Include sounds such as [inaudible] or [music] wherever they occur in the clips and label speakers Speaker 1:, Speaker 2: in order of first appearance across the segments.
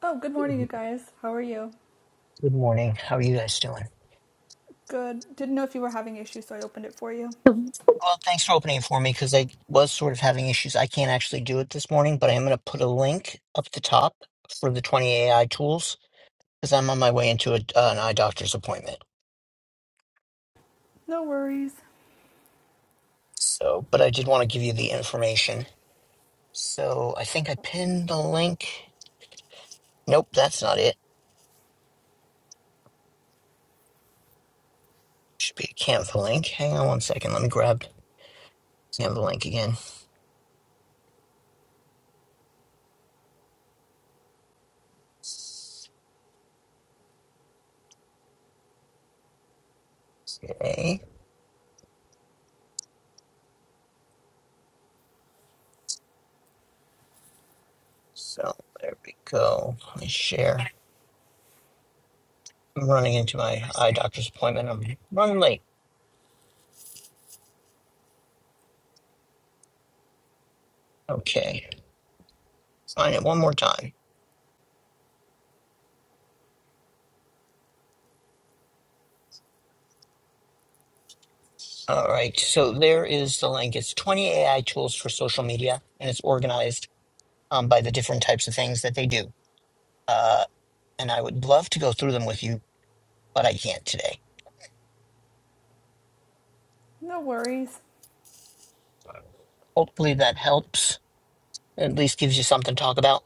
Speaker 1: Oh, good morning, you
Speaker 2: Good
Speaker 1: guys. How are you?
Speaker 2: good morning. How are you guys doing?
Speaker 1: Good. Didn't know if you were having issues, so I opened it for you.
Speaker 2: Well, thanks for opening it for me because I was sort of having issues. I can't actually do it this morning, but I am going to put a link up the top for the 20 AI tools because I'm on my way into a, an eye doctor's appointment.
Speaker 1: No worries.
Speaker 2: So, but I did want to give you the information. So I think I pinned the link. Nope, that's not it. Should be a Canva link. Hang on one second. Let me grab Canva link again. Okay. So there we go. Let me share. I'm running into my eye doctor's appointment. I'm running late. Okay. Find it one more time. All right. So there is the link. It's 20 AI tools for social media, and it's organized um, by the different types of things that they do. Uh, and I would love to go through them with you, but I can't today.
Speaker 1: No worries.
Speaker 2: Hopefully that helps. At least gives you something to talk about.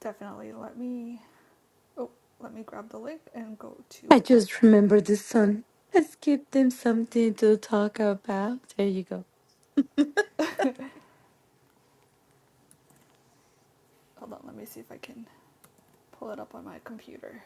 Speaker 1: Definitely let me. Oh, let me grab the link and go to
Speaker 3: I
Speaker 1: it real
Speaker 3: just
Speaker 1: quick.
Speaker 3: remembered the sun. Let's give them something to talk about. There you go.
Speaker 1: Hold on, let me see if I can pull it up on my computer.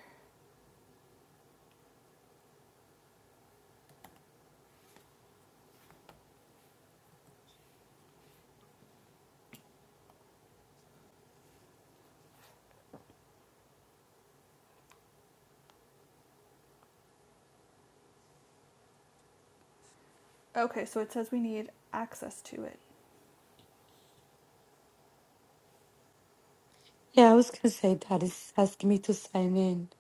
Speaker 1: Okay, so it says we need access to it.
Speaker 3: Yeah, I was gonna say that is asking me to sign in.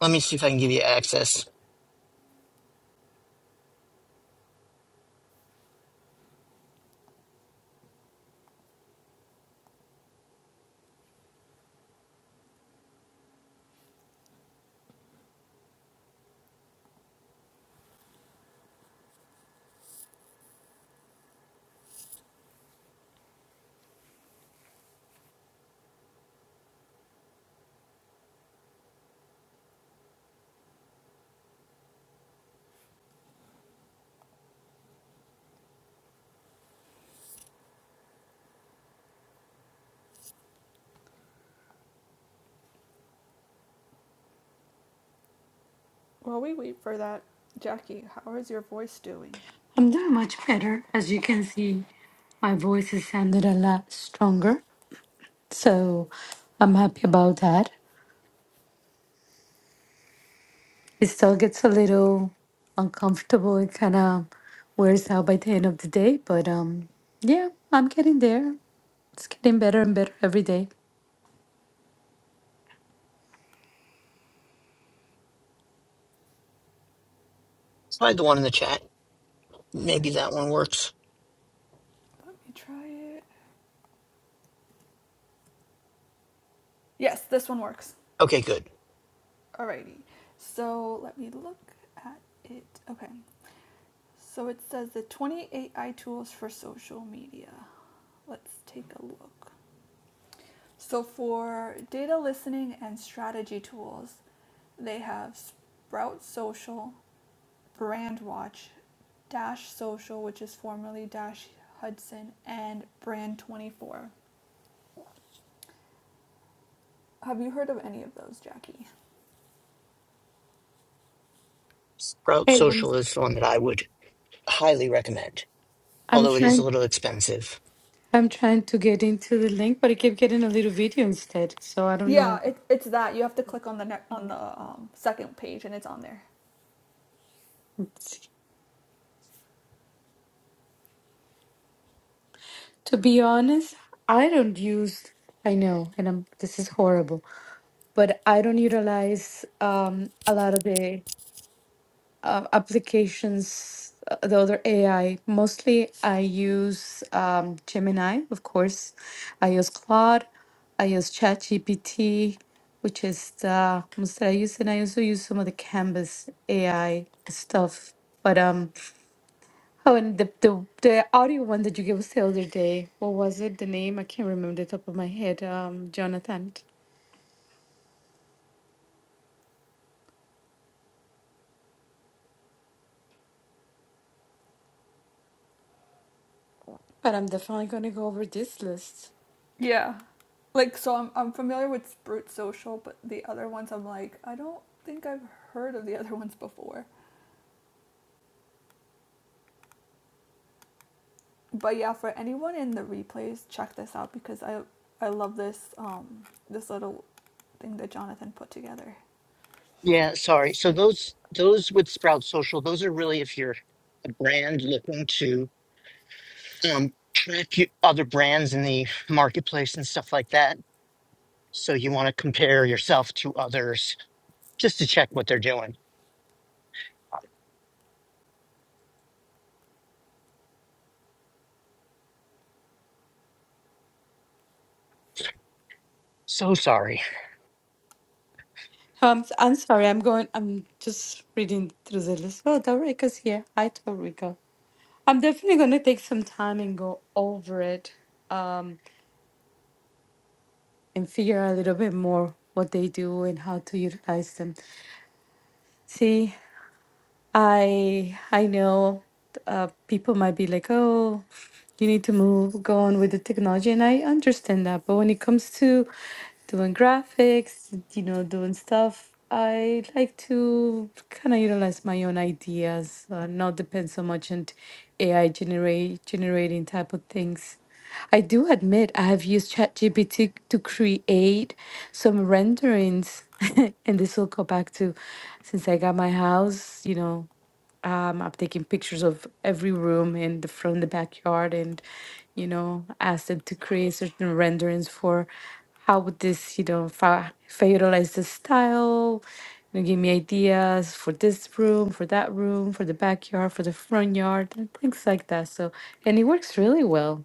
Speaker 2: Let me see if I can give you access.
Speaker 1: While we wait for that, Jackie, how is your voice doing?
Speaker 3: I'm doing much better. As you can see, my voice has sounded a lot stronger. So I'm happy about that. It still gets a little uncomfortable. It kind of wears out by the end of the day. But um, yeah, I'm getting there. It's getting better and better every day.
Speaker 2: Slide the one in the chat.
Speaker 1: Okay,
Speaker 2: Maybe that one works.
Speaker 1: let me try it. Yes, this one works.
Speaker 2: Okay, good.
Speaker 1: Alrighty. So let me look at it. Okay, So it says the 28 AI tools for social media. Let's take a look. So for data listening and strategy tools, they have Sprout Social, BrandWatch, Dash Social, which is formerly Dash Hudson, and Brand24. Have you heard of any of those, Jackie?
Speaker 2: Sprout
Speaker 3: Hey, I'm,
Speaker 2: Social is the one that I would highly recommend,
Speaker 3: I'm
Speaker 2: although it is
Speaker 3: trying
Speaker 2: a little expensive.
Speaker 3: I'm trying to get into the link, but I keep getting a little video instead. So I don't
Speaker 1: Yeah,
Speaker 3: know.
Speaker 1: it, it's that. You have to click on the ne- on the um, second page, and it's on there.
Speaker 3: Let's see. To be honest, I don't use. I know, and I'm. This is horrible, but I don't utilize um a lot of the uh, applications, uh, the other AI. Mostly, I use um Gemini, of course. I use Claude. I use ChatGPT, which is the most that I use, and I also use some of the Canvas AI stuff. But um, Oh, and the, the the audio one that you gave us the other day, what was it? The name I can't remember the top of my head. Um, Jonathan. But I'm definitely gonna go over this list.
Speaker 1: Yeah. Like so I'm I'm familiar with Sprout Social, but the other ones I'm like, I don't think I've heard of the other ones before. But yeah, for anyone in the replays, check this out because I I love this um this little thing that Jonathan put together.
Speaker 2: Yeah, sorry. So those those with Sprout Social, those are really if you're a brand looking to um, a few other brands in the marketplace and stuff like that. So you want to compare yourself to others just to check what they're doing. So sorry.
Speaker 3: Um, I'm sorry. I'm going. I'm just reading through the list. Oh, Dorica's here. Hi, Dorica. I'm definitely gonna take some time and go over it. Um, and figure out a little bit more what they do and how to utilize them. See. I I know uh, people might be like, oh, you need to move, go on with the technology, and I understand that. But when it comes to doing graphics, you know, doing stuff, I like to kind of utilize my own ideas, uh, not depend so much on AI generate generating type of things. I do admit I have used ChatGPT to create some renderings, [laughs] and this will go back to since I got my house, you know. Um, I'm taking pictures of every room in the from the backyard, and you know, ask them to create certain renderings for how would this, you know, if I, if I utilize this style, you know, give me ideas for this room, for that room, for the backyard, for the front yard, and things like that. So, and it works really well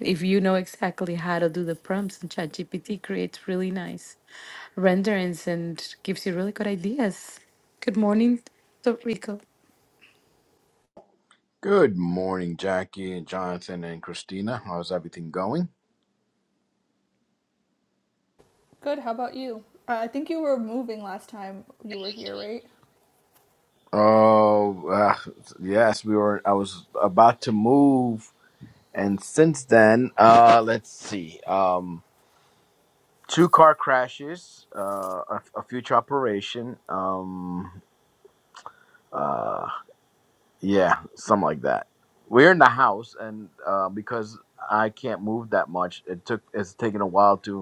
Speaker 3: if you know exactly how to do the prompts. And ChatGPT creates really nice renderings and gives you really good ideas. Good morning, Rico.
Speaker 4: Good morning, Jackie and Jonathan and Christina. How's everything going?
Speaker 1: Good, how about you? Uh, I think you were moving last time you were here, right?
Speaker 4: Oh, uh, yes, we were. I was about to move, and since then, uh, let's see. Um, two car crashes, uh, a, a future operation. Um, uh, yeah, something like that. We're in the house, and uh, because I can't move that much, it took. It's taken a while to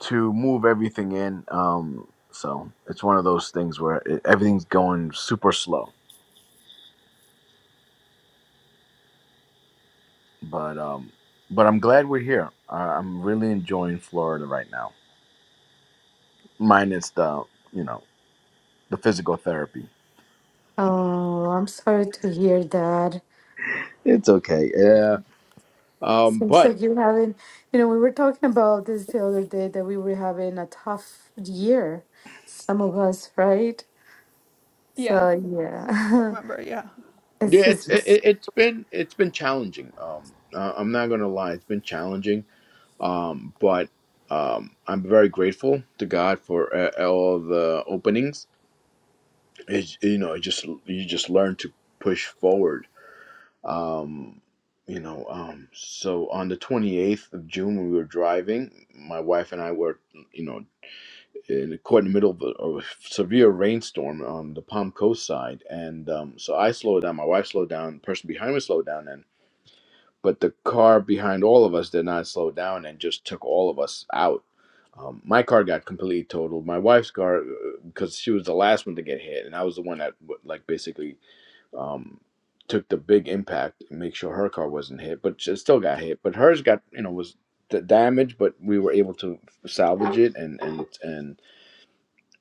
Speaker 4: to move everything in. Um, so it's one of those things where it, everything's going super slow. But um, but I'm glad we're here. I, I'm really enjoying Florida right now, minus the you know the physical therapy.
Speaker 3: Oh, I'm sorry to hear that.
Speaker 4: It's okay. Yeah. Um,
Speaker 3: Seems like
Speaker 4: but
Speaker 3: you're having, you know, we were talking about this the other day that we were having a tough year, some of us, right?
Speaker 1: Yeah,
Speaker 3: So
Speaker 1: I
Speaker 3: yeah,
Speaker 1: remember, yeah.
Speaker 3: [laughs] it's
Speaker 4: yeah, it's it,
Speaker 3: just
Speaker 4: it- it's been it's been challenging. Um, uh, I'm not gonna lie, it's been challenging. Um, but um, I'm very grateful to God for uh, all the openings it's you know it just you just learn to push forward um you know um so on the 28th of june when we were driving my wife and i were you know in caught in the middle of a, of a severe rainstorm on the palm coast side and um so i slowed down my wife slowed down the person behind me slowed down and but the car behind all of us did not slow down and just took all of us out um, my car got completely totaled. My wife's car, because she was the last one to get hit, and I was the one that, like, basically um, took the big impact and make sure her car wasn't hit, but she still got hit. But hers got you know was the damage, but we were able to salvage it and and and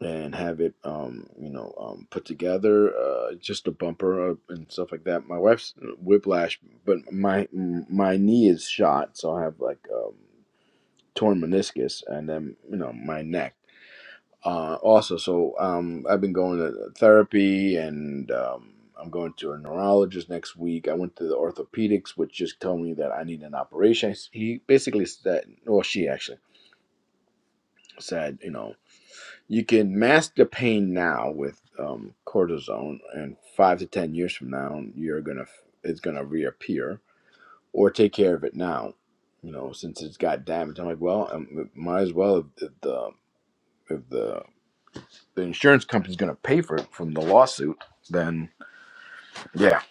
Speaker 4: and have it um, you know um, put together, uh, just a bumper uh, and stuff like that. My wife's whiplash, but my my knee is shot, so I have like um, torn meniscus, and then you know my neck uh, also. So um, I've been going to therapy, and um, I'm going to a neurologist next week. I went to the orthopedics, which just told me that I need an operation. He basically said, or she actually said, you know, you can mask the pain now with um, cortisone, and five to ten years from now, you're gonna it's gonna reappear, or take care of it now. You know, since it's got damage, I'm like, well, um might as well if the if the the insurance company's going to pay for it from the lawsuit, then yeah.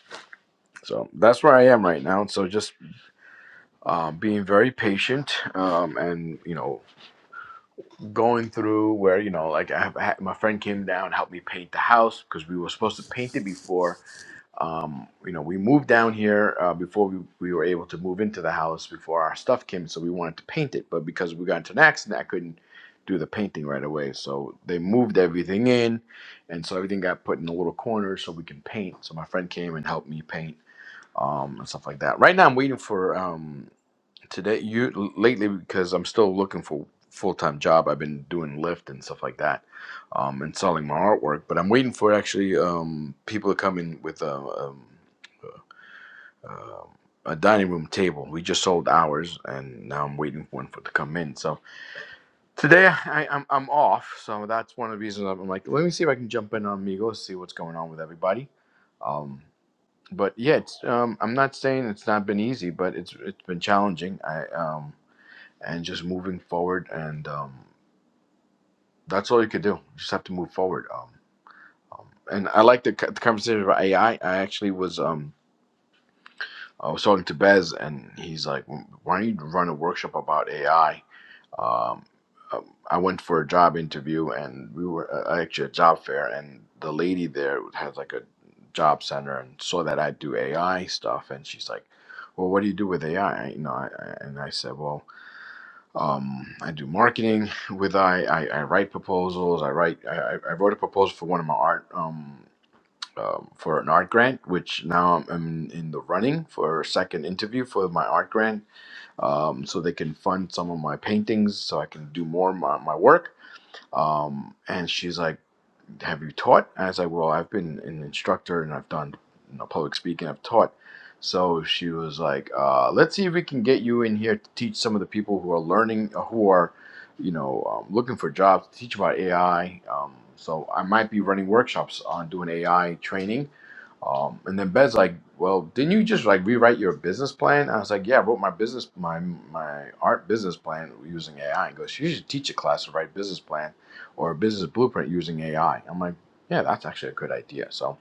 Speaker 4: So that's where I am right now. So just um, being very patient um, and you know going through where you know like I have my friend came down helped me paint the house because we were supposed to paint it before um, you know, we moved down here uh, before we, we were able to move into the house before our stuff came, so we wanted to paint it. But because we got into an accident, I couldn't do the painting right away. So they moved everything in, and so everything got put in a little corner so we can paint. So my friend came and helped me paint um, and stuff like that. Right now, I'm waiting for um, today, you lately, because I'm still looking for full time job. I've been doing Lyft and stuff like that um, and selling my artwork. But I'm waiting for actually um, people to come in with uh, um, um, a dining room table. We just sold ours, and now I'm waiting for one for to come in. So today I, I'm I'm off, so that's one of the reasons I'm, I'm like, let me see if I can jump in on Migos, see what's going on with everybody. Um, but yeah, it's, um, I'm not saying it's not been easy, but it's it's been challenging. I um, and just moving forward, and um, that's all you could do. You just have to move forward. Um, um, and I like the, co- the conversation about AI. I I actually was. Um, I was talking to Bez, and he's like, "Why don't you run a workshop about AI?" Um, um, I went for a job interview, and we were uh, actually at a job fair, and the lady there has like a job center, and saw that I do AI stuff, and she's like, "Well, what do you do with AI?" You know, I, I, and I said, "Well, um, I do marketing with AI. I, I, I write proposals. I write. I, I I wrote a proposal for one of my art. um, um, for an art grant, which now I'm I'm in the running for a second interview for my art grant, um, so they can fund some of my paintings, so I can do more of my, my work. Um, and she's like have you taught? And I said, well, I've been an instructor and I've done you know, public speaking, I've taught. So she was like, uh, let's see if we can get you in here to teach some of the people who are learning, uh, who are, you know, um, looking for jobs, to teach about AI. Um, so I might be running workshops on doing AI training. Um, and then Bez like, well, didn't you just like rewrite your business plan? I was like, yeah, I wrote my business, my my art business plan using AI. And goes, you should teach a class to write business plan or a business blueprint using AI. I'm like, yeah, that's actually a good idea. So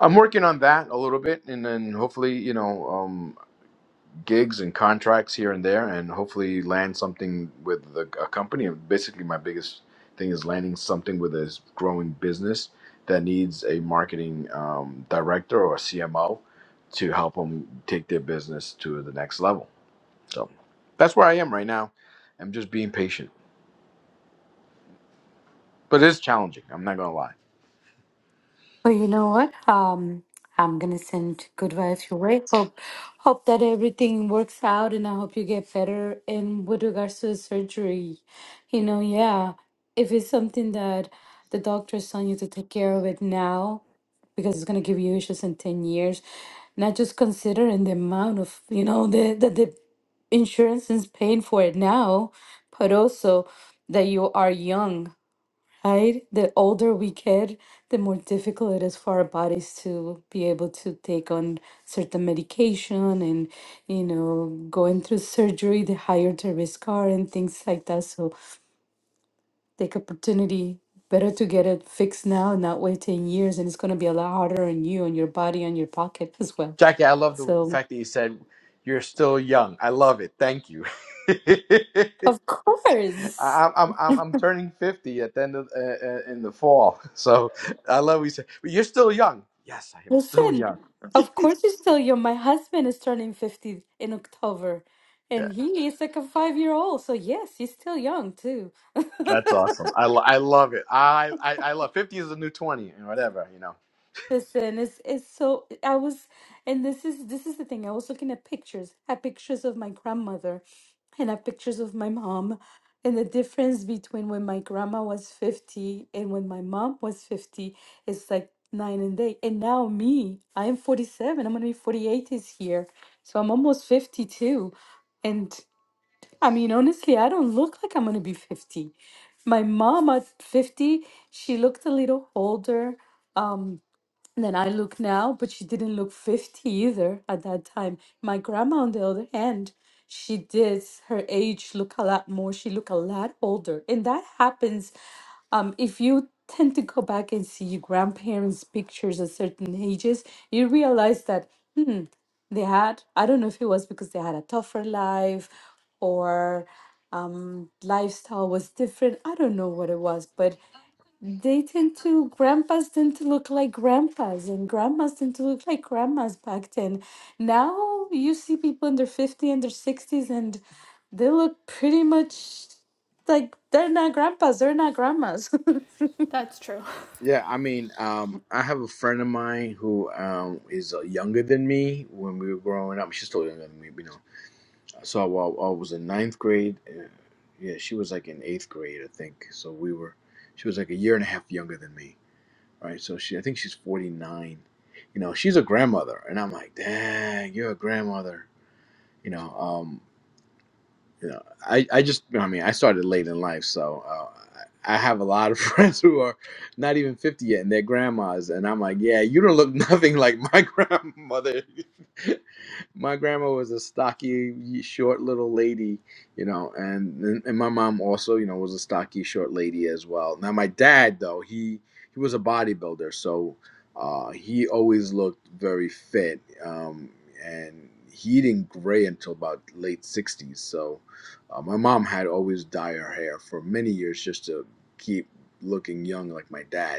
Speaker 4: I'm working on that a little bit, and then hopefully, you know, um, gigs and contracts here and there, and hopefully land something with the, a company. And basically, my biggest thing is landing something with a growing business that needs a marketing um, director or a CMO to help them take their business to the next level. So that's where I am right now. I'm just being patient, but it's challenging. I'm not gonna lie.
Speaker 3: Well, you know what? Um, I'm gonna send good vibes your way. Hope, hope that everything works out, and I hope you get better. And with regards to the surgery, you know, yeah, if it's something that the doctor is telling you to take care of it now, because it's gonna give you issues in ten years, not just considering the amount of you know the that the insurance is paying for it now, but also that you are young right? The older we get, the more difficult it is for our bodies to be able to take on certain medication and, you know, going through surgery, the higher the risk are and things like that. So take opportunity. Better to get it fixed now and not wait 10 years. And it's going to be a lot harder on you and your body and your pocket as well.
Speaker 4: Jackie, I love the
Speaker 3: So,
Speaker 4: fact that you said you're still young. I love it. Thank you. [laughs] I-
Speaker 3: of course.
Speaker 4: I'm, I'm I'm I'm turning fifty at the end of uh, uh, in the fall, [laughs] so I love what you said. But you're still young. Yes, I am still
Speaker 3: Listen,
Speaker 4: young. [laughs]
Speaker 3: of course you still young. My husband is turning 50 in October,
Speaker 4: Yeah,
Speaker 3: and he is like a five-year-old. So yes, he's still young too. [laughs]
Speaker 4: that's awesome. I, lo- I love it. I, I I love fifty is the new twenty and whatever you know.
Speaker 3: Listen, it's it's so I was and this is this is the thing. I was looking at pictures. I have pictures of my grandmother and I have pictures of my mom. And the difference between when my grandma was 50 and when my mom was 50 is like nine and day. And now me, I am 47. I'm gonna be 48 this year. So I'm almost 52. And I mean, honestly, I don't look like I'm gonna be 50. My mom at 50, she looked a little older. Um. And then I look now, but she didn't look 50 either at that time. My grandma, on the other hand, she did her age look a lot more. She looked a lot older. And that happens um, if you tend to go back and see your grandparents' pictures at certain ages, you realize that, hmm, they had, I don't know if it was because they had a tougher life or um, lifestyle was different. I don't know what it was, but they tend to, grandpas tend to look like grandpas, and grandmas tend to look like grandmas back then. Now you see people in their 50 and their 60s, and they look pretty much like they're not grandpas, they're not grandmas. [laughs]
Speaker 1: That's true. [laughs]
Speaker 4: Yeah, I mean, um, I have a friend of mine who um is uh, younger than me when we were growing up. She's still younger than me, you know So I, well, I was in ninth grade. And yeah, she was like in eighth grade, I think. So we were, she was like a year and a half younger than me, right? So she, I think she's 49. You know, she's a grandmother. And I'm like, dang, you're a grandmother. You know, um, you know, I, I just, I mean, I started late in life. So uh, I I have a lot of [laughs] friends who are not even 50 yet and they're grandmas. And I'm like, yeah, you don't look [laughs] nothing like my [laughs] grandmother. [laughs] my grandma was a stocky, short little lady, you know, and, and my mom also, you know, was a stocky, short lady as well. Now my dad though, he he was a bodybuilder, so uh, he always looked very fit, um, and he didn't gray until about late '60s. So uh, my mom had always dye her hair for many years just to keep looking young like my dad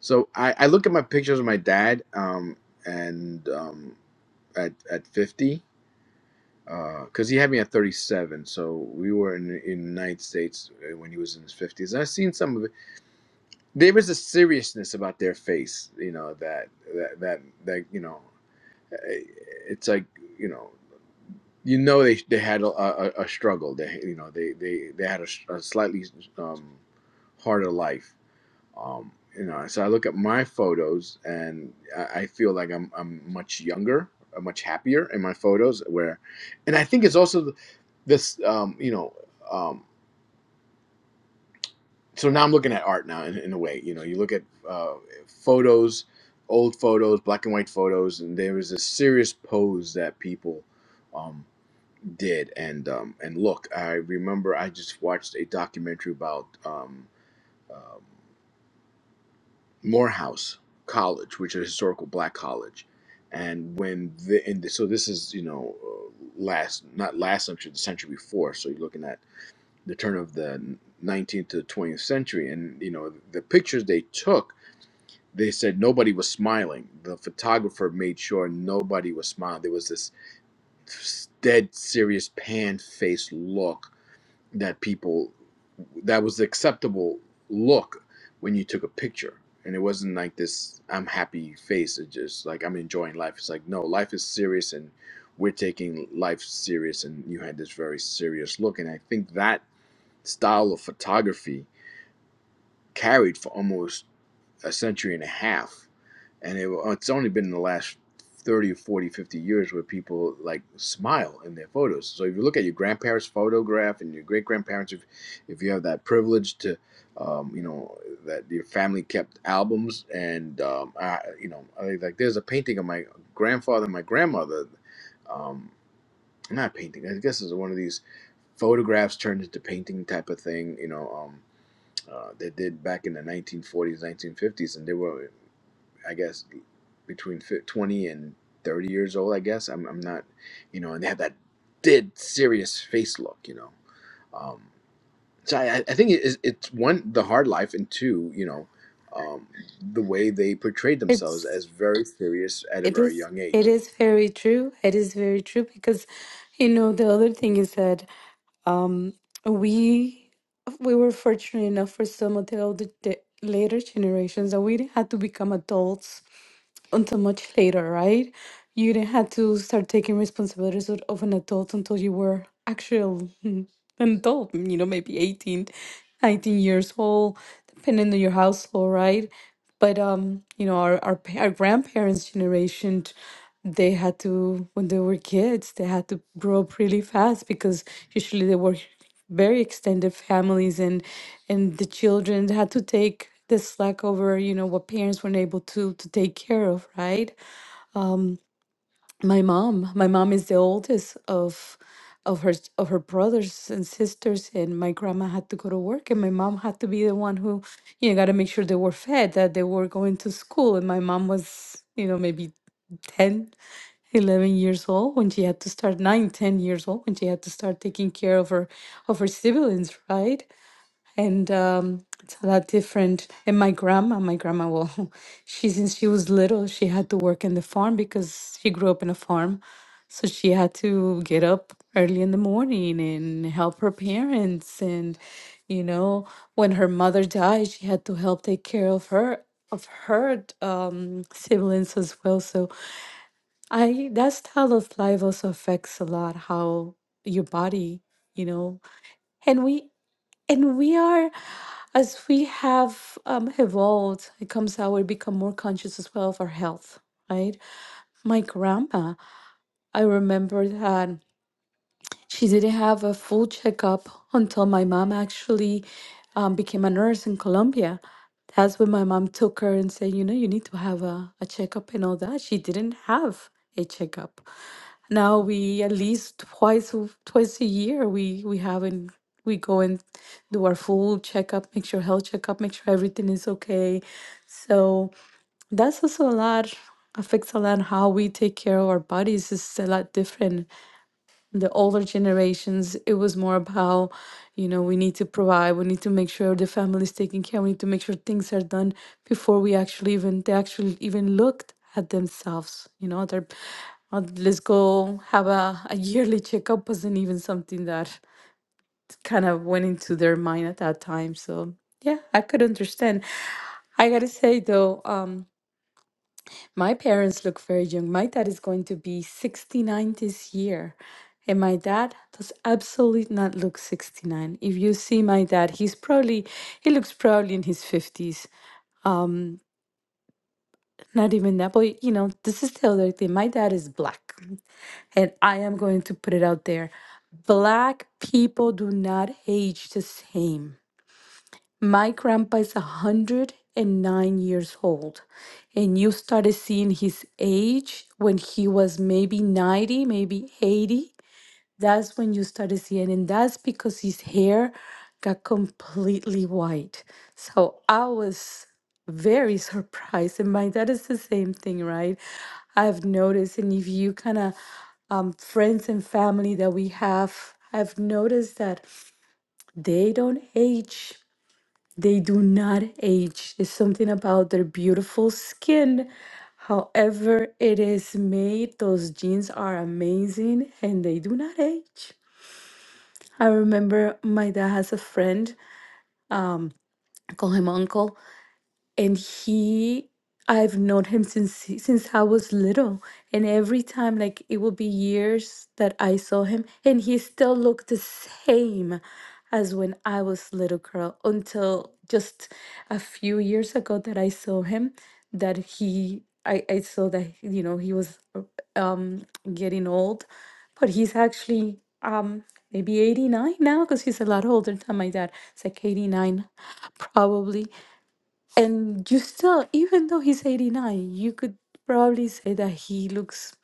Speaker 4: so I, I look at my pictures of my dad, um, and um, at at fifty, because he had me at thirty seven. So we were in in the United States uh, when he was in his fifties. And I've seen some of it. There is a seriousness about their face, you know that that that that you know, eh, it's like you know. You know they, they had a, a, a struggle. They you know they, they, they had a, s- a slightly um, harder life um, you know, so I look at my photos and I, I feel like I'm I'm much younger, i much happier in my photos. Where, and I think it's also the- this, um, you know, um, so now I'm looking at art now in, in a way. You know, you look at uh, photos, old photos, black and white photos, and there was a serious pose that people um, did. And um, and look, I remember I just watched a documentary about. Um, um, Morehouse College, which is a historical black college. And when the, and so this is you know uh, last not last century the century before so you're looking at the turn of the 19th to the 20th century and you know the pictures they took they said nobody was smiling the photographer made sure nobody was smiling there was this dead serious pan faced look that people that was the acceptable look when you took a picture and it wasn't like this i'm happy face it's just like i'm enjoying life it's like no life is serious and we're taking life serious and you had this very serious look and i think that style of photography carried for almost a century and a half and it, oh, it's only been in the last 30, 40, 50 years where people like smile in their photos so if you look at your grandparents photograph and your great grandparents if, if you have that privilege to um, you know that your family kept albums and um, I, you know I, like there's a painting of my grandfather and my grandmother um, not painting i guess it's one of these photographs turned into painting type of thing you know um, uh, they did back in the 1940s 1950s and they were I guess between fif- 20 and 30 years old, I guess. I'm, I'm not, you know, and they have that dead serious face look, you know. Um, so I, I I think it is, it's one, the hard life, and two, you know, um, the way they portrayed themselves
Speaker 3: It's
Speaker 4: as very serious at a
Speaker 3: it
Speaker 4: very
Speaker 3: is
Speaker 4: young
Speaker 3: it
Speaker 4: age.
Speaker 3: is very true. It is very true because you know the other thing is that um we we were fortunate enough for some of the older the later generations that we didn't have to become adults until much later, right? You didn't have to start taking responsibilities of of an adult until you were actual [laughs] an adult, you know, maybe 18, 19 years old, depending on your household, right? But um, you know, our our, pa- our grandparents' generation, they had to when they were kids, they had to grow up really fast because usually they were very extended families and and the children had to take the slack over you know what parents weren't able to to take care of right my mom my mom is the oldest of of her of her brothers and sisters and my grandma had to go to work and my mom had to be the one who you know got to make sure they were fed that they were going to school and my mom was you know maybe 10, 11 years old when she had to start 9, 10 years old when she had to start taking care of her of her siblings right and um, it's a lot different. And my grandma, my grandma, well, [laughs] she since she was little, she had to work in the farm because she grew up in a farm, so she had to get up early in the morning and help her parents. And you know, when her mother died, she had to help take care of her of her um, siblings as well. So I that style of life also affects a lot how your body, you know. And we and we are, as we have um, evolved, it comes out, we become more conscious as well of our health, right? My grandpa, I remember that. She didn't have a full checkup until my mom actually um, became a nurse in Colombia. That's when my mom took her and said, you know, you need to have a, a checkup and all that. She didn't have a checkup. Now we at least twice a- twice a year we we have and we go and do our full checkup, make sure health checkup, make sure everything is okay. So that's also a lot affects a lot how we take care of our bodies is a lot different the older generations, it was more about, you know, we need to provide, we need to make sure the family is taken care, we need to make sure things are done before we actually even they actually even looked at themselves. You know, they're uh, let's go have a, a yearly checkup wasn't even something that kind of went into their mind at that time. So yeah, I could understand. I gotta say though, um my parents look very young. My dad is going to be 69 this year. And my dad does absolutely not look 69. If you see my dad, he's probably, he looks probably in his 50s. Not even that. But, you know, this is the other thing. My dad is black. And I am going to put it out there. Black people do not age the same. My grandpa is 109 years old, and you started seeing his age when he was maybe 90, maybe 80. That's when you started seeing, and that's because his hair got completely white. So I was very [laughs] surprised, and my dad is the same thing, right? I've noticed, and if you kind of um, friends and family that we have, I've noticed that they don't age they do not age. There's something about their beautiful skin. However, it is made, those jeans are amazing and they do not age. I remember my dad has a friend, um, I call him uncle and he I've known him since he- since I was little and every time like it will be years that I saw him and he still looked the same as when I was little girl until just a few years ago that I saw him that he I, I saw that you know he was uh, um getting old but he's actually um maybe 89 now because he's a lot older than my dad it's like 89 probably and you still, even though he's 89, you could probably say that he looks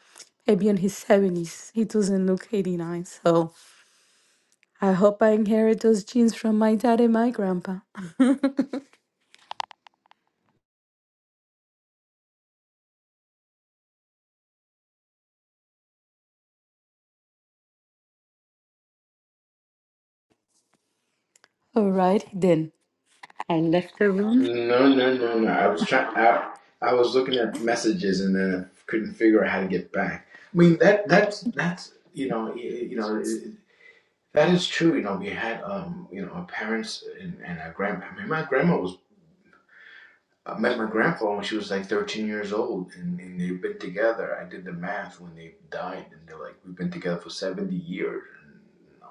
Speaker 3: maybe in his 70s. He doesn't look 89. So I hope I inherit those genes from my dad and my grandpa. All right, then I left the room.
Speaker 4: No, no, no, no. I was trying. I, I was looking at messages and then I couldn't figure out how to get back. I mean that that's that's you know you, you know. That is true. You know, we had um, you know, our parents and, and our grandma. I mean, my grandma was I met my grandpa when she was like 13 years old, and, and they've been together. I did the math when they died, and they're like, we've been together for 70 years. And you know,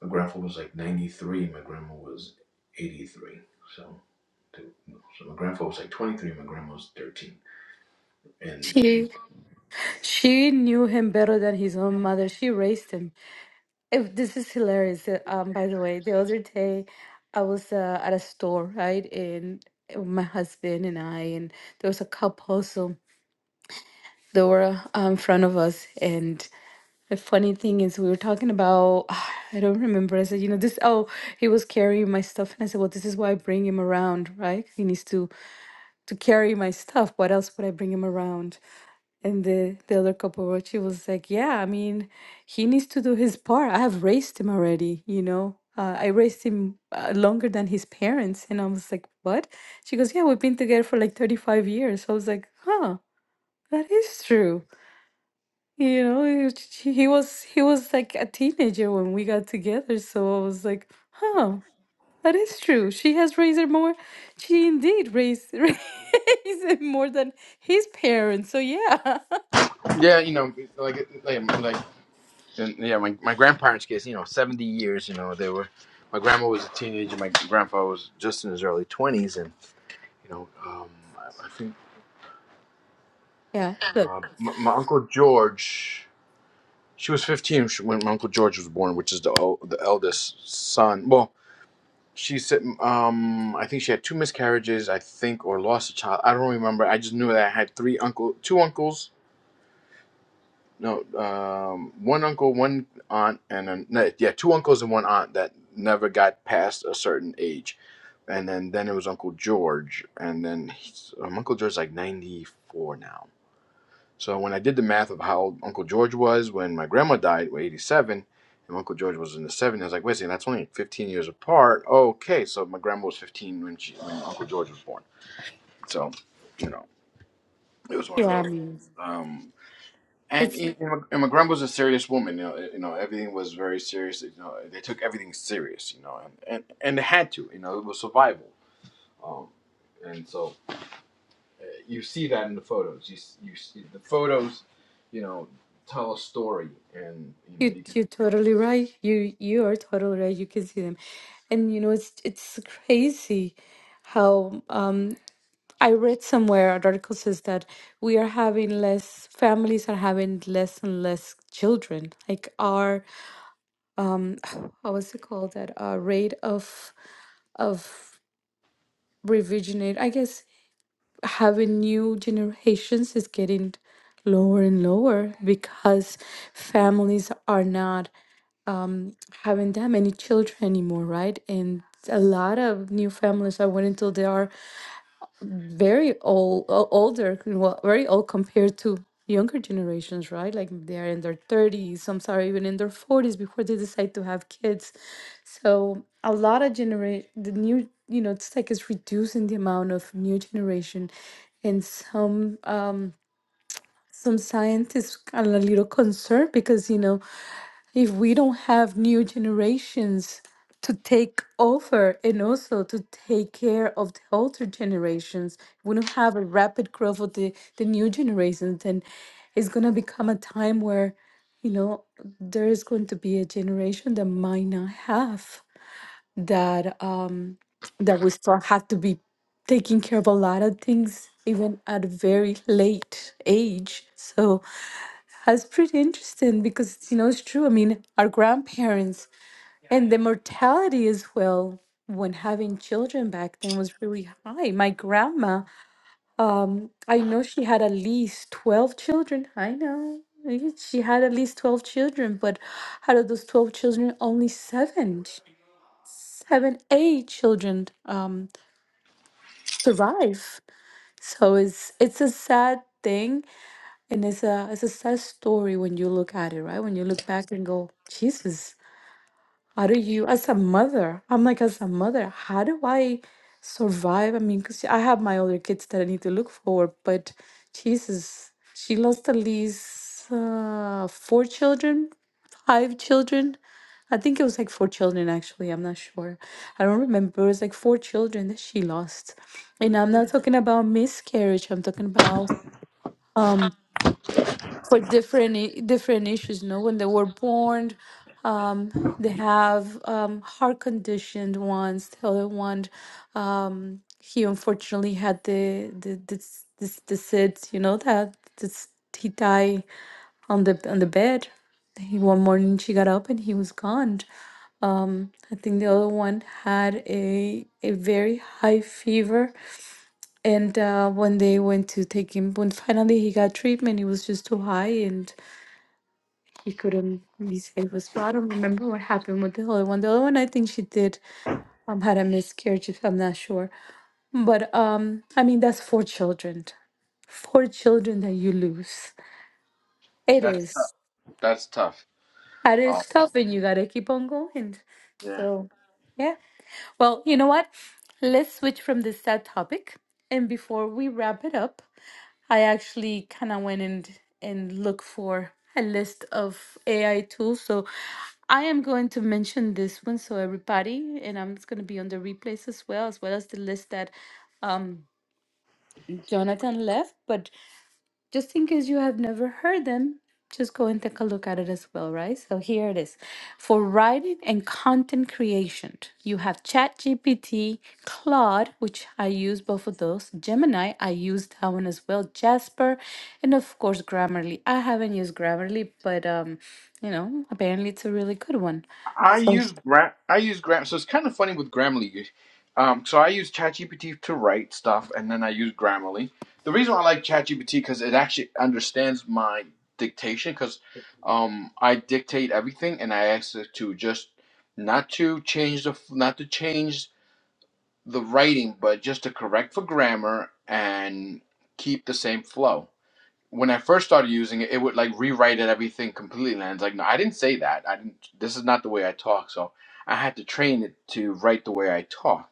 Speaker 4: my grandpa was like 93, my grandma was 83. So, they- so my grandpa was like 23, my grandma was 13. And
Speaker 3: She she knew him better than his own mother. She raised him. If this is hilarious. uh, Um, by the way, the other day I was uh, at a store, right, and my husband and I, and there was a couple. So they were um, in front of us and the funny thing is we were talking about [sighs] i don't remember i said you know this oh he was carrying my stuff and i said well this is why i bring him around right he needs to to carry my stuff what else would i bring him around and the the other couple she was like yeah i mean he needs to do his part i have raised him already you know uh, I raised him uh, longer than his parents. And I was like, what? She goes, yeah, we've been together for like 35 years. I was like, huh, that is true. You know, he was he was he was like a teenager when we got together, so I was like, huh, that is true. She has raised her more. She indeed raised [laughs] raised him more than his parents. So yeah. [laughs]
Speaker 4: Yeah, you know, like like like And yeah, my, my grandparents' case, you know, 70 years, you know, they were, my grandma was a teenager, my grandpa was just in his early 20s. And, you know, um, I, I think
Speaker 3: Yeah, look,
Speaker 4: uh, my, my Uncle George, she was 15 sh- when my Uncle George was born, which is the, el- the eldest son. Well, she said, um, I think she had two miscarriages, I think, or lost a child. I don't remember. I just knew that I had three uncle, two uncles No, um, one uncle, one aunt, and then no, yeah, two uncles and one aunt that never got past a certain age, and then then it was Uncle George, and then he's, um, Uncle George's like ninety four now. So when I did the math of how old Uncle George was when my grandma died, was eighty seven, and Uncle George was in the seventies, I was like, wait a second, that's only fifteen years apart. Okay, so my grandma was fifteen when she when Uncle George was born. So you know, it was one of
Speaker 3: yeah, I
Speaker 4: those.
Speaker 3: mean,
Speaker 4: Um, and
Speaker 3: it's
Speaker 4: you know, and McGrum was a serious woman. You know, eh, you know everything was very serious. You know, they took everything serious. You know, and and, and they had to. You know, it was survival. Um, and so uh, you see that in the photos. You s- you see the photos. You know, tell a story, and you know
Speaker 3: you
Speaker 4: you can.
Speaker 3: you're totally right. You you are totally right. You can see them. And you know, it's it's crazy how um I read somewhere an article says that we are having less families are having less and less children. Like our how was it called that our rate of of revisionate I guess having new generations is getting lower and lower because families are not having that many children anymore, right? And a lot of new families are waiting until they are very old, o- older, well, very old compared to younger generations, right? Like they're in their 30s, some are even in their 40s before they decide to have kids. So a lot of generation, the new, you know, it's like it's reducing the amount of new generation. And some um, some scientists are a little concerned because you know if we don't have new generations to take over and also to take care of the older generations, we don't have a rapid growth of the, the new generations, then it's going to become a time where, you know, there is going to be a generation that might not have that, um, that we still have to be taking care of a lot of things even at a very late age so that's pretty interesting because you know it's true i mean our grandparents and the mortality as well when having children back then was really high. My grandma, um, I know she had at least 12 children. I know. eh, She had at least 12 children, but out of those 12 children, only seven, seven, eight children um, survive. So it's it's a sad thing, and it's a it's a sad story when you look at it, right? When you look back and go, Jesus, How do you, as a mother, I'm like, as a mother, how do I survive? I mean, because I have my other kids that I need to look for, but Jesus, she lost at least uh, four children, five children. I think it was like four children, actually. I'm not sure. I don't remember. It was like four children that she lost. And
Speaker 4: Mhm.
Speaker 3: I'm not talking about miscarriage. I'm talking about um for different i- different issues. No, when they were born, um, they have um, heart conditioned ones. The other one, um, he unfortunately had the the this this this it, you know that this, he died on the on the bed. He, one morning she got up and he was gone. Um, I think the other one had a a very high fever, and uh, when they went to take him, when finally he got treatment, he was just too high, and he couldn't be safe as well. I don't remember what happened with the other one. The other one, I think she did um had a miscarriage, if I'm not sure. But um, I mean, that's four children, four children that you lose. It
Speaker 4: That's
Speaker 3: is.
Speaker 4: tough. That's tough.
Speaker 3: It is tough, and you gotta keep on going.
Speaker 4: Um,
Speaker 3: So, yeah. Well, you know what? Let's switch from this sad topic. And before we wrap it up, I actually kind of went and and looked for a list of AI tools. So I am going to mention this one. So everybody, and I'm it's going to be on the replays as well, as well as the list that um, Jonathan left. But just in case you have never heard them, just go and take a look at it as well, right? So here it is. For writing and content creation, you have ChatGPT, Claude, which I use both of those, Gemini, I use that one as well, Jasper, and of course Grammarly. I haven't used Grammarly, but um, you know, apparently it's a really good one.
Speaker 4: I
Speaker 3: So,
Speaker 4: use Gram. I use Gram. So it's kind of funny with Grammarly. Um, so I use ChatGPT to write stuff, and then I use Grammarly. The reason why I like ChatGPT because it actually understands my dictation. Because um, I dictate everything, and I ask it to just not to change the not to change the writing, but just to correct for grammar and keep the same flow when I first started using it, it would like rewrite it everything completely. And it's like, no, I didn't say that. I didn't. This is not the way I talk. So I had to train it to write the way I talk.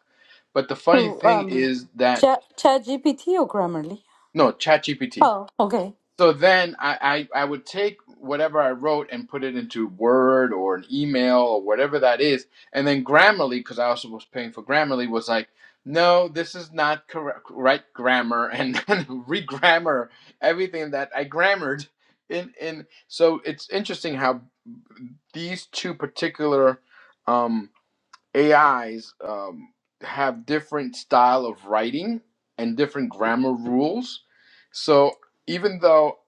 Speaker 4: But the funny
Speaker 3: so
Speaker 4: thing
Speaker 3: um,
Speaker 4: is that
Speaker 3: Chat ChatGPT or Grammarly?
Speaker 4: no, ChatGPT.
Speaker 3: Oh, okay.
Speaker 4: So then I, I, I would take whatever I wrote and put it into Word or an email or whatever that is. And then Grammarly, because I also was paying for Grammarly, was like, no, this is not correct, right grammar, and [laughs] then re-grammar everything that I grammared. In, in so it's interesting how these two particular um, AIs um, have different style of writing and different grammar rules. So even though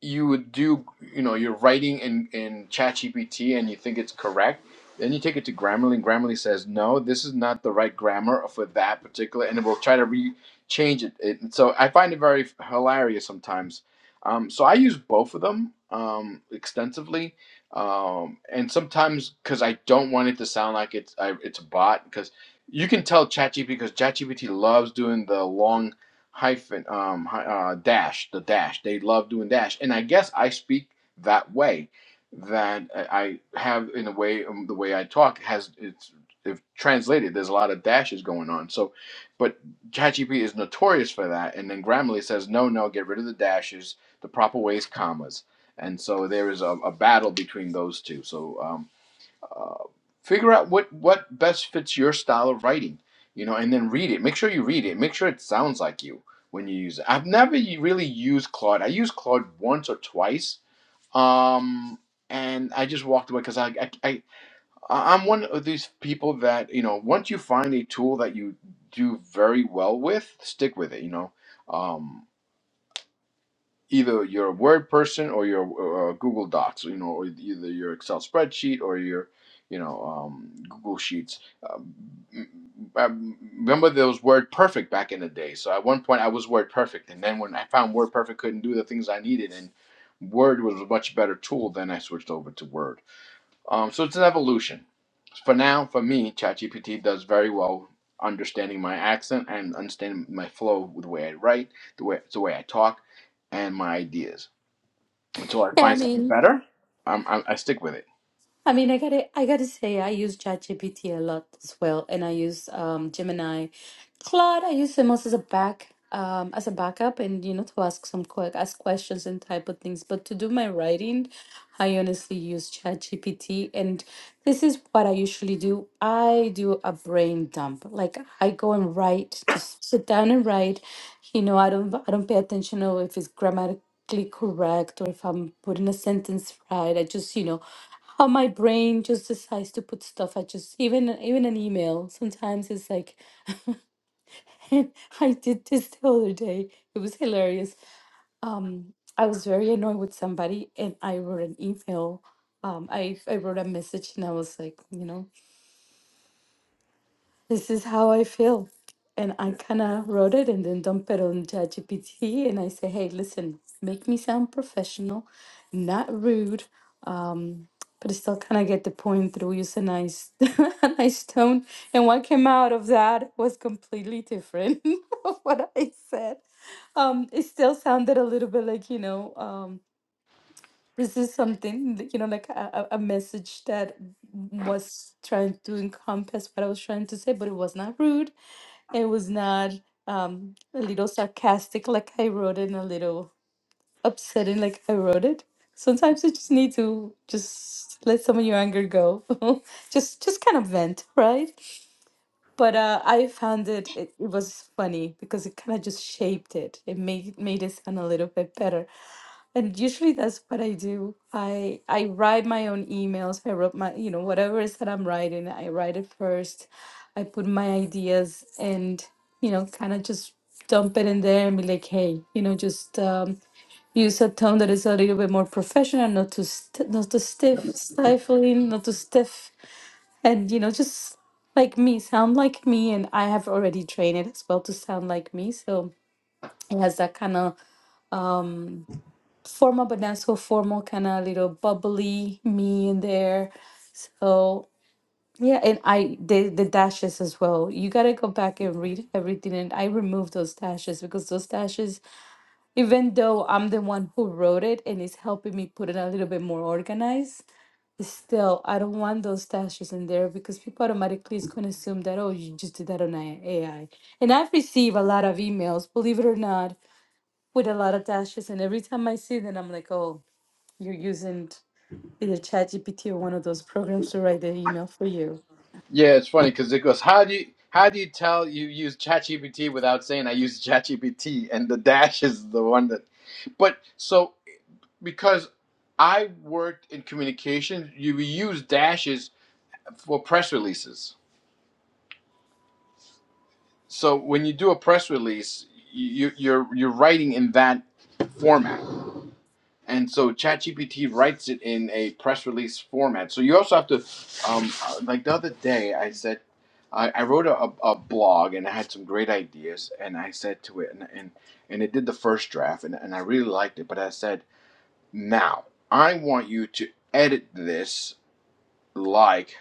Speaker 4: you would do, you know, you're writing in in ChatGPT and you think it's correct, then you take it to Grammarly and Grammarly says no, this is not the right grammar for that particular, and it will try to re change it. it. So I find it very hilarious sometimes. Um, so I use both of them um, extensively um, and sometimes because I don't want it to sound like it's I, it's a bot because you can tell ChatGPT because ChatGPT loves doing the long hyphen um, hy- uh, dash the dash they love doing dash and I guess I speak that way that I I have in a way um, the way I talk has it's if translated there's a lot of dashes going on so but ChatGPT is notorious for that and then Grammarly says no no get rid of the dashes the proper way is commas and so there is a, a battle between those two. So um, uh, figure out what what best fits your style of writing, you know, and then read it. Make sure you read it. Make sure it sounds like you when you use it. I've never really used Claude. I used Claude once or twice, um, and I just walked away because I, I I I- I'm one of these people that you know once you find a tool that you do very well with, stick with it. You know. Um, either you're a Word person or you're uh, Google Docs, you know, or either your Excel spreadsheet or your, you know, um, Google Sheets. Um, I remember there was Word Perfect back in the day. So at one point I was Word Perfect, and then when I found Word Perfect couldn't do the things I needed, and Word was a much better tool, then I switched over to Word. Um, so it's an evolution. For now, for me, ChatGPT does very well understanding my accent and understanding my flow with the way I write, the way the way I talk, and my ideas until I
Speaker 3: Yeah, I
Speaker 4: find something
Speaker 3: mean,
Speaker 4: better. I'm, I'm I stick with it.
Speaker 3: I mean, I gotta, I gotta say, I use ChatGPT a lot as well, and I use um, Gemini, Claude. I use them also as a back, um, as a backup, and you know, to ask some quick, ask questions and type of things. But to do my writing, I honestly use ChatGPT, and this is what I usually do. I do a brain dump. Like I go and write, just sit down and write. You know, I don't, I don't pay attention to if it's grammatically correct or if I'm putting a sentence right. I just, you know how my brain just decides to put stuff i just even even an email sometimes it's like [laughs] i did this the other day it was hilarious um i was very annoyed with somebody and i wrote an email um i i wrote a message and i was like you know this is how I feel. And I
Speaker 4: Yeah,
Speaker 3: kind of wrote it and then dumped it on ChatGPT. And I say, hey, listen, make me sound professional, not rude, um, but I still kind of get the point through. Use a nice, [laughs] a nice tone. And what came out of that was completely different [laughs] of what I said. Um, it still sounded a little bit like, you know, um, this is something that, you know like a, a a message that was trying to encompass what i was trying to say but it was not rude it was not um a little sarcastic like i wrote it and a little upsetting like i wrote it sometimes you just need to just let some of your anger go [laughs] just just kind of vent right but uh i found it it, it was funny because it kind of just shaped it it made made it sound a little bit better and usually that's what I do. I I write my own emails. I wrote my, you know, whatever it is that I'm writing, I write it first. I put my ideas and, you know, kind of just dump it in there and be like, hey, you know, just um, use a tone that is a little bit more professional, not too st- not too stiff, stifling, not too stiff, and you know, just like me, sound like me. And I have already trained it as well to sound like me, so it has that kind of formal but not so formal, kind of little bubbly me in there. So yeah, and I the the dashes as well. You gotta go back and read everything, and I removed those dashes because those dashes, even though I'm the one who wrote it and it's helping me put it a little bit more organized, still I don't want those dashes in there because people automatically is gonna assume that oh you just did that on a- AI. And I've received a lot of emails, believe it or not, with a lot of dashes, and every time I see them, I'm like oh you're using either ChatGPT or one of those programs to write the email for you.
Speaker 4: yeah it's funny because it goes, how do you how do you tell you use ChatGPT without saying I use ChatGPT? And the dash is the one that, but so because I worked in communications, you use dashes for press releases. So when you do a press release, you, you're you're writing in that format. and so ChatGPT writes it in a press release format. So you also have to, um, uh, like the other day, I said, I, I wrote a, a a blog and I had some great ideas, and I said to it, and and, and it did the first draft, and, and I really liked it, but I said, now I want you to edit this like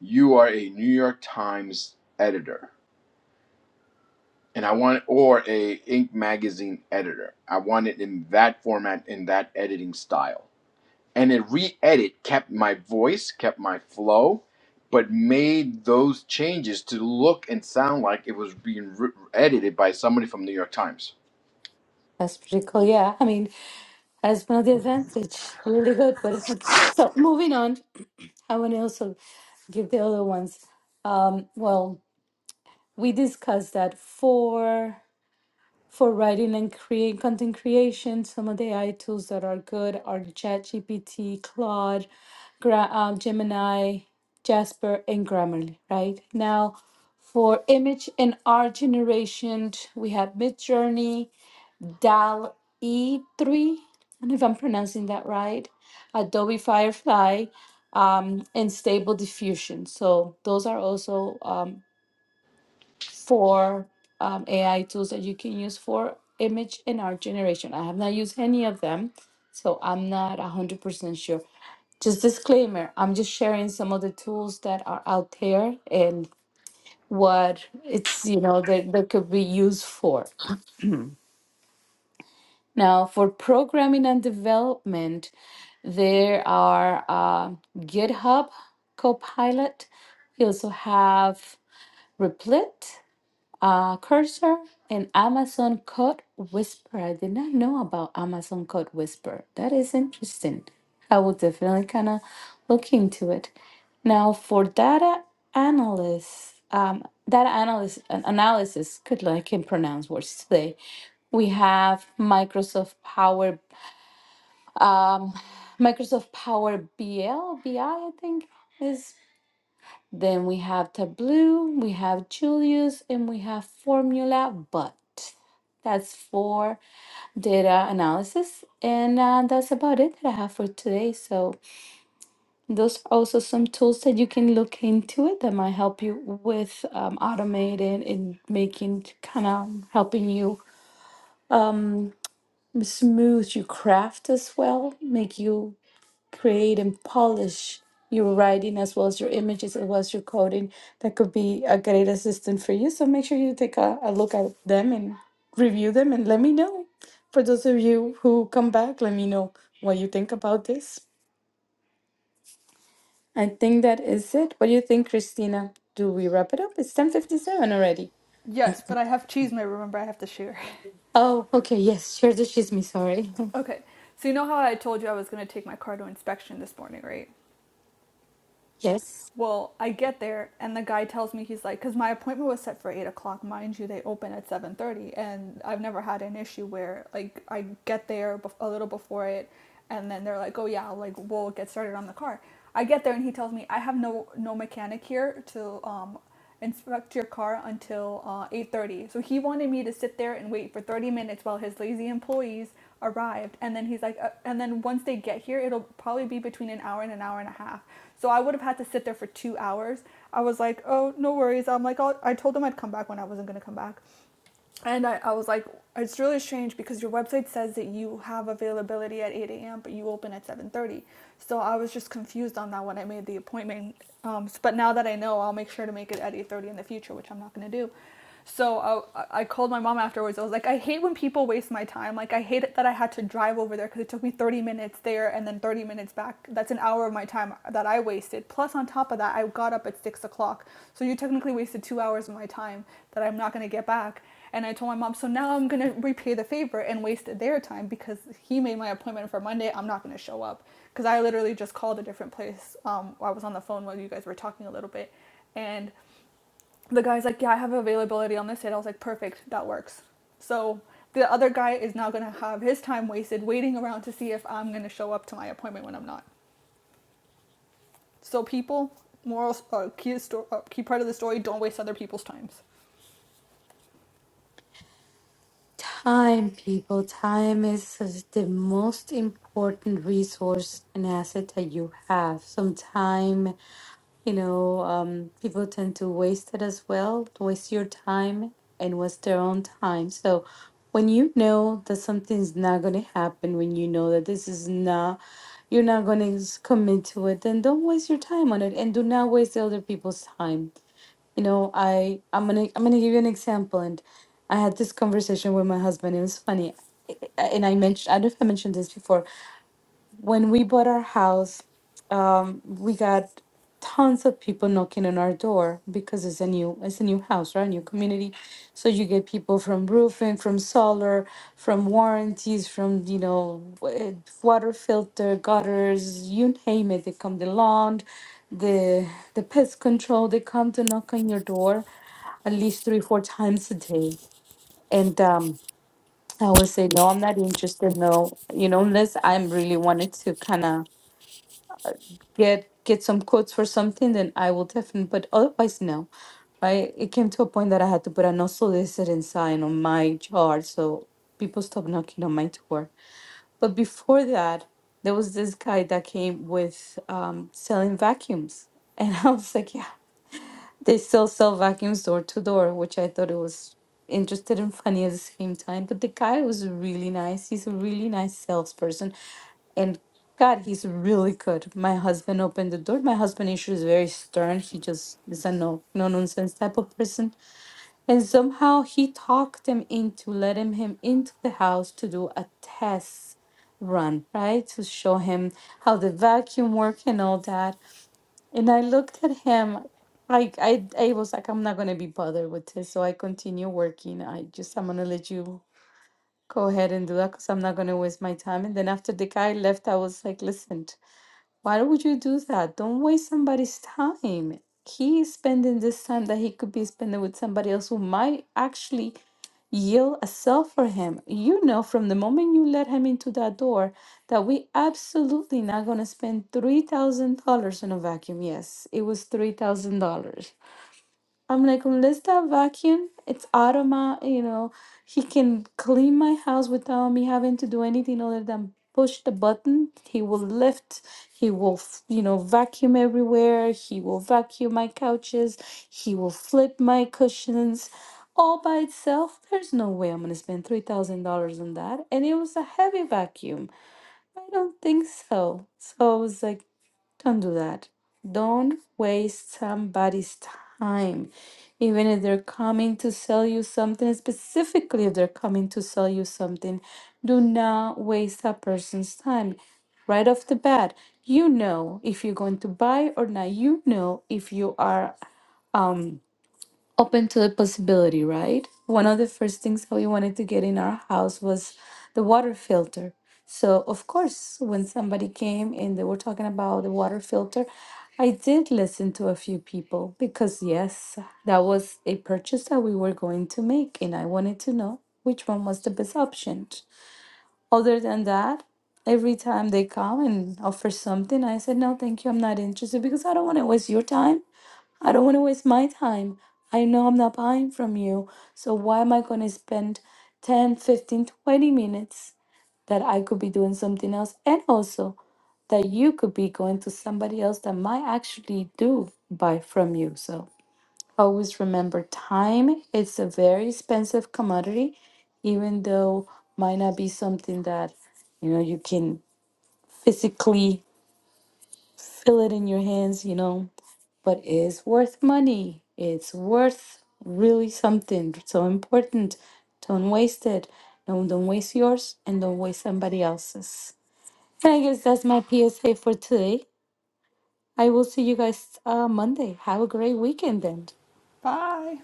Speaker 4: you are a New York Times editor. And I want, or a Ink magazine editor. I want it in that format, in that editing style and it re-edit kept my voice kept my flow but made those changes to look and sound like it was being re- edited by somebody from new york times
Speaker 3: That's pretty cool. Yeah, I mean, that's one of the advantage. Really good. But [laughs] so moving on, I want to also give the other ones. Um, well, we discussed that four. for writing and create content creation. Some of the AI tools that are good are ChatGPT, Claude, Gra- um, Gemini, Jasper, and Grammarly. Right now, for image and art generation, we have Midjourney, DAL E3. I don't know if I'm pronouncing that right. Adobe Firefly, um, and Stable Diffusion. So those are also um for um, AI tools that you can use for image and art generation. I have not used any of them, so I'm not 100% sure. Just disclaimer, I'm just sharing some of the tools that are out there and what it's, you know, that, that could be used for. Now, for programming and development, there are uh, GitHub Copilot. We also have Replit. uh, cursor and Amazon Code Whisper. I did not know about Amazon Code Whisper. That is interesting. I will definitely kind of look into it. Now, for data analysts, um, data analyst an- analysis, good luck, I can pronounce words today. We have Microsoft Power, um, Microsoft Power BL, BI, I I think is. Then we have Tableau, we have Julius, and we have Formula But. That's for data analysis. And uh, that's about it that I have for today. So, those are also some tools that you can look into it that might help you with um, automating and making kind of helping you um, smooth your craft as well, make you create and polish your writing as well as your images as well as your coding that could be a great assistant for you so make sure you take a, a look at them and review them and let me know for those of you who come back let me know what you think about this i think that is it what do you think christina do we wrap it up it's 10.57 already
Speaker 1: Yes, but I have cheese may remember I have to share.
Speaker 3: oh okay yes share the me. sorry
Speaker 1: [laughs] okay. So you know how I told you I was gonna take my car to inspection this morning, right?
Speaker 3: [laughs] yes
Speaker 1: Well, I get there and the guy tells me he's like, because my appointment was set for eight o'clock, mind you, they open at seven thirty, and I've never had an issue where like I get there a little before it, and then they're like, oh yeah, like we'll get started on the car. I get there and he tells me I have no no mechanic here to. um inspect your car until uh, 8.30 so he wanted me to sit there and wait for 30 minutes while his lazy employees arrived and then he's like uh, and then once they get here it'll probably be between an hour and an hour and a half so i would have had to sit there for two hours i was like oh no worries i'm like I'll, i told him i'd come back when i wasn't going to come back and I, I was like, it's really strange because your website says that you have availability at 8 a.m., but you open at 7.30. So I was just confused on that when I made the appointment. Um, but now that I know, I'll make sure to make it at 8.30 in the future, which I'm not going to do. So I, I called my mom afterwards. I was like, I hate when people waste my time. Like, I hate it that I had to drive over there because it took me 30 minutes there and then 30 minutes back. That's an hour of my time that I wasted. Plus, on top of that, I got up at 6 o'clock. So you technically wasted two hours of my time that I'm not going to get back and I told my mom, so now I'm gonna repay the favor and waste their time because he made my appointment for Monday. I'm not gonna show up because I literally just called a different place. Um, I was on the phone while you guys were talking a little bit, and the guy's like, yeah, I have availability on this date. I was like, perfect, that works. So the other guy is now gonna have his time wasted waiting around to see if I'm gonna show up to my appointment when I'm not. So people, moral, uh, key, sto- uh, key part of the story: don't waste other people's times.
Speaker 3: Time, people, time is is the most important resource and asset that you have. Sometime, you know, um, people tend to waste it as well, to waste your time and waste their own time. So when you know that something's not going to happen, when you know that this is not, you're not going to commit to it, then don't waste your time on it and do not waste the other people's time you know i i'm gonna i'm gonna give you an example and i had this conversation with my husband it was funny I- I- and i mentioned i don't know if i mentioned this before when we bought our house, um, we got tons of people knocking on our door because it's a new it's a new house, right? New community. So you get people from roofing, from solar, from warranties, from you know wa- water filter, gutters, you name it. They come the lawn, the the pest control. They come to knock on your door at least three four times a day and um i would say no i'm not interested no you know unless i'm really wanted to kind of get get some quotes for something, then I will definitely. But otherwise, no. Right? It came to a point that I had to put an unsolicited sign on my yard, so people stopped knocking on my door. But before that, there was this guy that came with um, selling vacuums, and [laughs] I was like, yeah. They still sell vacuums door to door, which I thought it was interested and funny at the same time. But the guy was really nice. He's a really nice salesperson. And God, he's really good. My husband opened the door. My husband issue is very stern. He just is a no no nonsense type of person. And somehow he talked him into letting him into the house to do a test run, right? To show him how the vacuum worked and all that. And I looked at him. I, I, I was like, I'm not going to be bothered with this. So I continue working. I just, I'm going to let you go ahead and do that because I'm not going to waste my time. And then after the guy left, I was like, listen. Why would you do that? Don't waste somebody's time. He's spending this time that he could be spending with somebody else who might actually yield a cell for him. You know, from the moment you let him into that door, that we absolutely not going to spend $3,000 on a vacuum. Yes, it was $3,000. I'm like, unless that vacuum, it's automatic, you know, he can clean my house without me having to do anything other than push the button. He will lift, he will, f- you know, vacuum everywhere, he will vacuum my couches, he will flip my cushions. All by itself, there's no way I'm gonna spend $3,000 on that. And it was a heavy vacuum. I don't think so. So I was like, don't do that. Don't waste somebody's time. Even if they're coming to sell you something, specifically if they're coming to sell you something, do not waste a person's time. Right off the bat, you know if you're going to buy or not. You know if you are. um open to the possibility, right? One of the first things that we wanted to get in our house was the water filter. So, of course, when somebody came and they were talking about the water filter, I did listen to a few people because, yes, that was a purchase that we were going to make, and I wanted to know which one was the best option. Other than that, every time they come and offer something, I said, No, thank you, I'm not interested because I don't want to waste your time. I don't want to waste my time. I know I'm not buying from you. So why am I going to spend 10, 15, 20 minutes that I could be doing something else? And also that you could be going to somebody else that might actually do buy from you. So always remember time. It's a very expensive commodity, even though might not be something that, you know, you can physically feel it in your hands, you know, but it's worth money. It's worth really something so important. Don't waste it. Don't don't waste yours and don't waste somebody else's. And I guess that's my PSA for today. I will see you guys uh, Monday. Have a great weekend then.
Speaker 1: Bye.